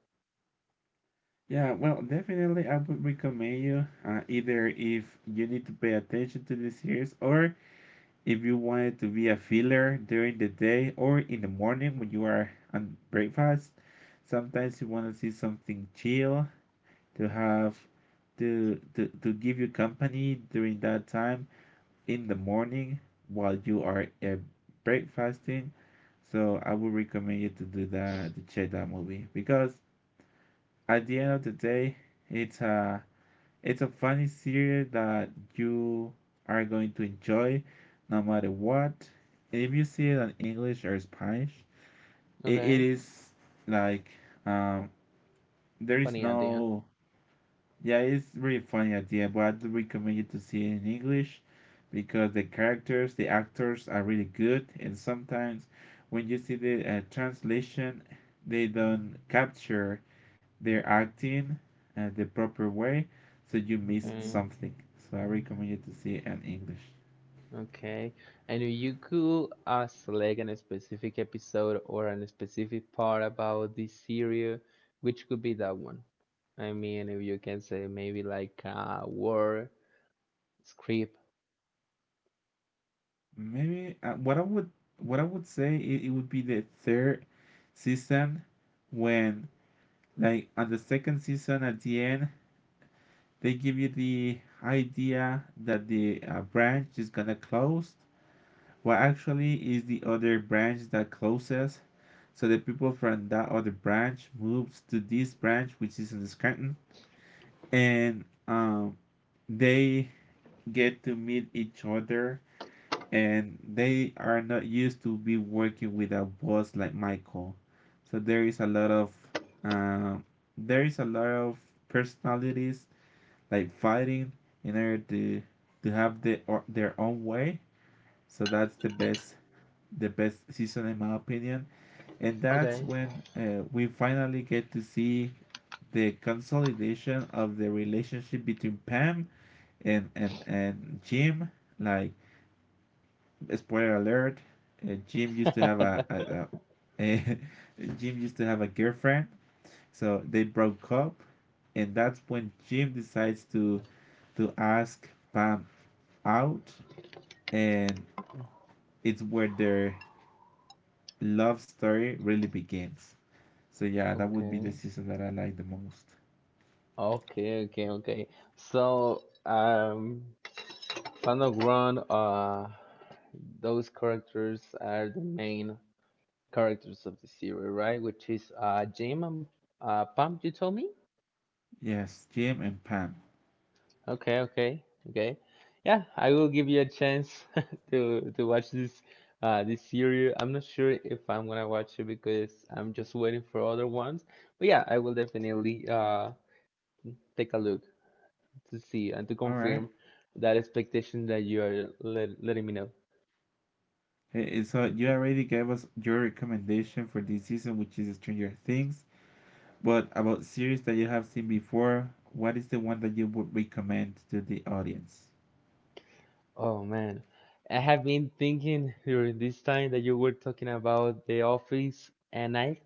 A: Yeah, well, definitely, I would recommend you, uh, either if you need to pay attention to the series, or if you want it to be a filler during the day or in the morning when you are on breakfast. Sometimes you want to see something chill to have to, to to give you company during that time in the morning while you are uh, breakfasting. So I would recommend you to do that, to check that movie because at the end of the day, it's a it's a funny series that you are going to enjoy no matter what. And if you see it in English or Spanish, it, it
B: Okay.
A: is like, um, there is
B: Funny
A: no,
B: idea.
A: yeah, it's really funny at the end, but I do recommend you to see it in English because the characters, the actors are really good, and sometimes when you see the uh, translation, they don't capture they're acting uh, the proper way, so you miss
B: Okay.
A: something. So I recommend you to see it in English.
B: Okay. And if you could uh, select a specific episode or a specific part about this series, which could be that one? I mean, if you can say maybe like a war script.
A: Maybe uh, what I would what I would say, it, it would be the third season when, like on the second season at the end, they give you the idea that the uh, branch is gonna close. Well, actually, is the other branch that closes. So the people from that other branch moves to this branch, which is in Scranton, and um, they get to meet each other and they are not used to be working with a boss like Michael. So there is a lot of, uh, there is a lot of personalities like fighting in order to to have the, or their own way. So that's the best the best season in my opinion, and that's
B: Okay.
A: when uh, we finally get to see the consolidation of the relationship between Pam and and and Jim, like, spoiler alert, uh, Jim used to have a, a, a Jim used to have a girlfriend, so they broke up, and that's when Jim decides to to ask Pam out, and it's where their love story really begins. So yeah, that would be the
B: Okay.
A: season that I like the most.
B: Okay, okay, okay. So, um, Fandogram, uh, those characters are the main characters of the series, right? Which is uh, Jim and uh, Pam, you told me?
A: Yes, Jim and Pam.
B: Okay, okay, okay. Yeah, I will give you a chance to to watch this uh this series. I'm not sure if I'm gonna watch it because I'm just waiting for other ones. But yeah, I will definitely uh take a look, to see and to
A: All right.
B: confirm that expectation that you are let, letting me know.
A: Hey, and so you already gave us your recommendation for this season, which is Stranger Things. But about series that you have seen before, what is the one that you would recommend to the audience?
B: Oh man, I have been thinking during this time that you were talking about The Office, and I,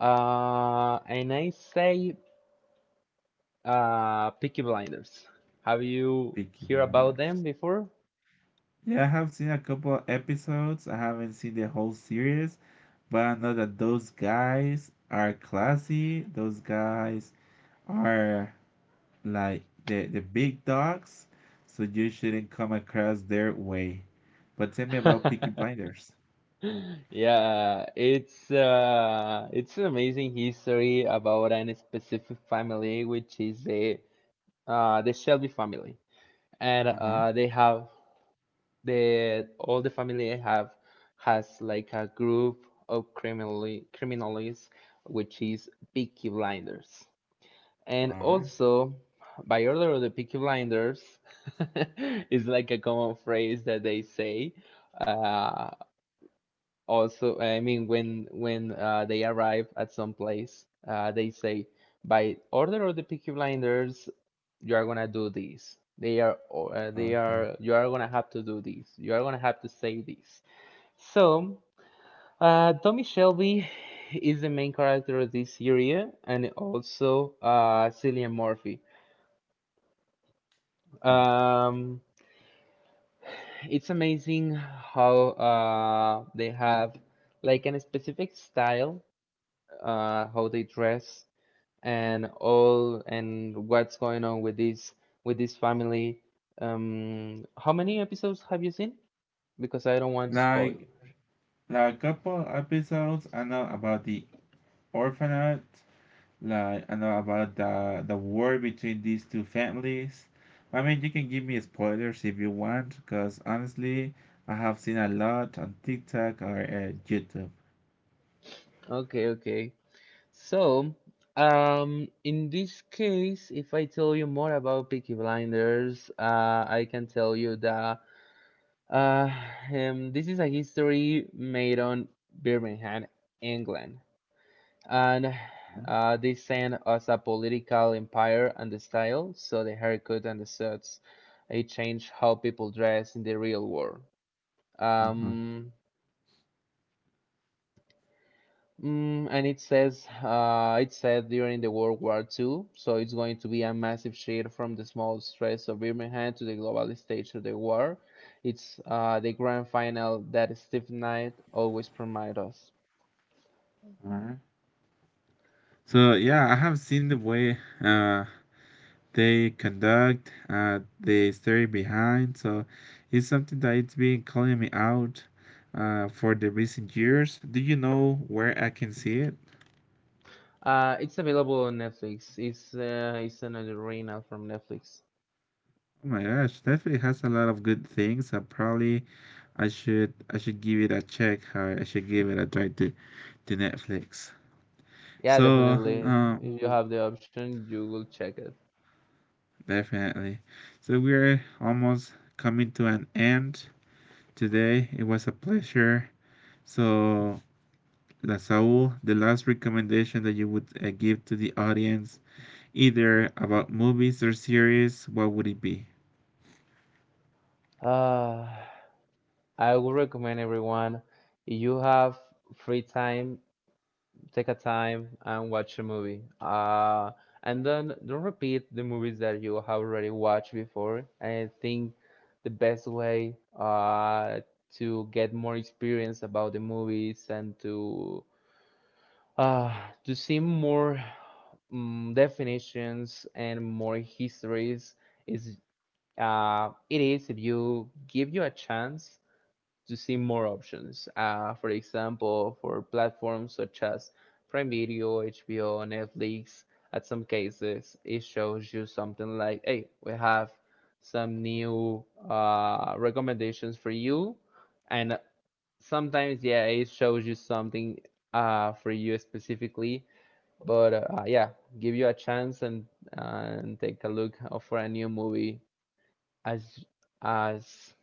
B: uh, and I say, uh, Peaky Blinders. Have you
A: Peaky
B: heard about
A: Blinders.
B: them before?
A: Yeah, I have seen a couple of episodes. I haven't seen the whole series, but I know that those guys are classy. Those guys are like the the big dogs, so you shouldn't come across their way. But tell me about Peaky Blinders.
B: Yeah, it's uh, it's an amazing history about an specific family, which is the uh, the Shelby family, and
A: Uh-huh.
B: uh, they have the all the family have has like a group of criminally criminals, which is Peaky Blinders.
A: All
B: And
A: right.
B: also, by order of the Peaky Blinders is like a common phrase that they say. Uh, also, I mean, when when uh, they arrive at some place, uh, they say, "By order of the Peaky Blinders, you are gonna do this. They are uh, they
A: Okay.
B: are You are gonna have to do this. You are gonna have to say this." So uh, Tommy Shelby is the main character of this series, and also uh, Cillian Murphy.
A: Huh.
B: um, it's amazing how uh, they have like a specific style, uh, how they dress and all, and what's going on with this with this family. Um, how many episodes have you seen? Because I don't want to spoil.
A: Like Like a couple episodes, I know about the orphanage, like I know about the the war between these two families. I mean, you can give me spoilers if you want, because honestly, I have seen a lot on TikTok or uh, YouTube.
B: Okay, okay. So, um, in this case, if I tell you more about Peaky Blinders, uh, I can tell you that uh, um, this is a history made on Birmingham, England, and uh, they send us a political empire, and the style, so the haircut and the suits, it changed how people dress in the real world.
A: Mhm,
B: Um, mm, and it says uh, it said during the World War the second, so it's going to be a massive shift from the small stress of Birmingham to the global stage of the war. It's uh, the grand final that Steve Knight always promised us.
A: mhm. So yeah, I have seen the way uh, they conduct, uh, the story behind. So it's something that it's been calling me out uh, for the recent years. Do you know where I can see it?
B: Uh, it's available on Netflix. It's uh, it's an original from Netflix.
A: Oh my gosh, definitely has a lot of good things. Uh, probably I should I should give it a check. uh, I should give it a try to to Netflix.
B: Yeah, Mm,
A: So
B: definitely.
A: uh,
B: If you mm. have the option, you will check it.
A: definitely. So we're almost coming to an end today. It was a pleasure. So, Lasaul, the last recommendation that you would uh, give to the audience, either about movies or series, what would it be?
B: Uh, I would recommend everyone, if you have free time, take a time and watch a movie. Uh, and then don't repeat the movies that you have already watched before. I think the best way uh, to get more experience about the movies, and to uh, to see more mm definitions and more histories is, uh, it is, if you give you a chance to see more options. Uh, for example, for platforms such as Prime Video, H B O, Netflix, at some cases, it shows you something like, hey, we have some new uh, recommendations for you. And sometimes, yeah, it shows you something uh, for you specifically. But uh, yeah, give you a chance, and, and take a look for a new movie as as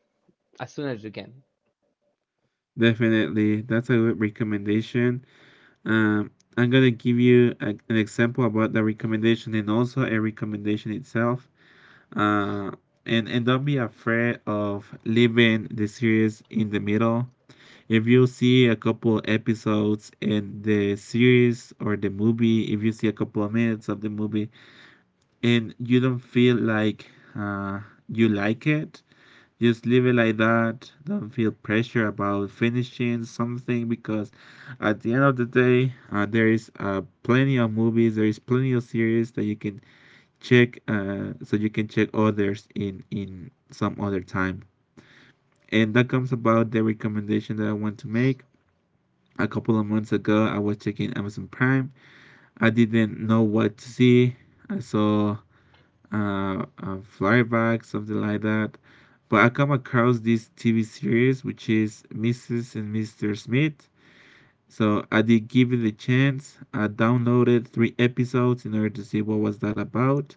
B: as soon as you can.
A: Definitely, that's a good recommendation. Um, I'm gonna give you a, an example about the recommendation and also a recommendation itself. Uh, and and don't be afraid of leaving the series in the middle. If you see a couple episodes in the series or the movie, if you see a couple of minutes of the movie and you don't feel like, uh, you like it, just leave it like that. Don't feel pressure about finishing something because at the end of the day, uh, there is uh, plenty of movies, there is plenty of series that you can check, uh, so you can check others in in some other time. And that comes about the recommendation that I want to make. A couple of months ago, I was checking Amazon Prime. I didn't know what to see, I saw uh, uh, flybacks, something like that. But I come across this T V series, which is Missus and Mister Smith. So I did give it a chance. I downloaded three episodes in order to see what was that about.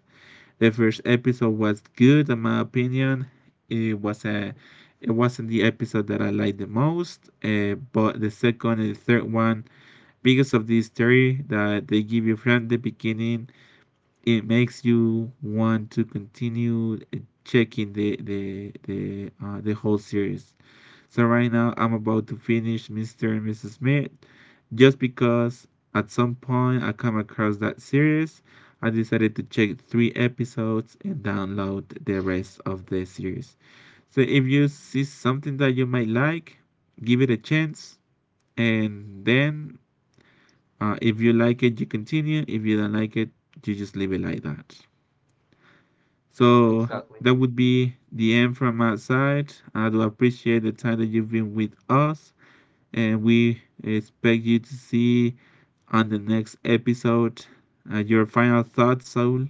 A: The first episode was good, in my opinion. It was a, it wasn't the episode that I liked the most. Uh, but the second and the third one, because of the story that they give you from the beginning, it makes you want to continue uh, checking the the the uh, the whole series. So right now I'm about to finish Mister and Missus Smith just because at some point I come across that series. I decided to check three episodes and download the rest of the series. So if you see something that you might like, give it a chance, and then, uh, if you like it you continue, if you don't like it you just leave it like that. So
B: Exactly.
A: that
B: Exactly.
A: would be the end from our side. I do appreciate the time that you've been with us, and we expect you to see on the next episode, uh, your final thoughts, Saul.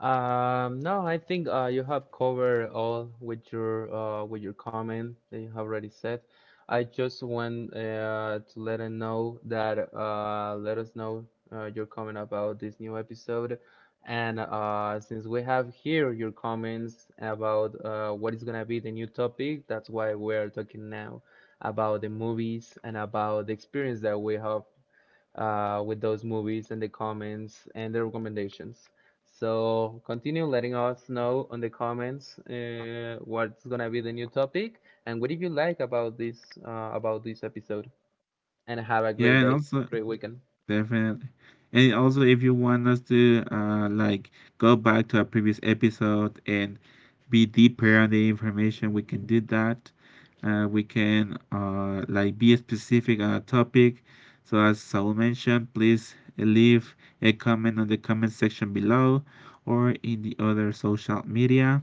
B: Um, no, I think uh, you have covered all with your uh, with your comment that you have already said. I just want uh, to let them know that, uh, let us know uh, your comment about this new episode, and uh, since we have here your comments about uh, what is gonna be the new topic, that's why we're talking now about the movies and about the experience that we have uh, with those movies and the comments and the recommendations. So continue letting us know on the comments uh, what's gonna be the new topic, and what did you like about this uh, about this episode. And have a
A: Yeah,
B: great
A: and
B: day,
A: also
B: great weekend.
A: definitely. And also, if you want us to, uh, like, go back to a previous episode and be deeper on the information, we can do that. Uh, we can, uh, like, be specific on a topic. So, as Saul mentioned, please leave a comment on the comment section below or in the other social media.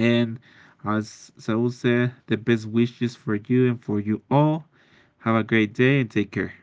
A: And as Saul said, the best wishes for you and for you all. Have a great day and take care.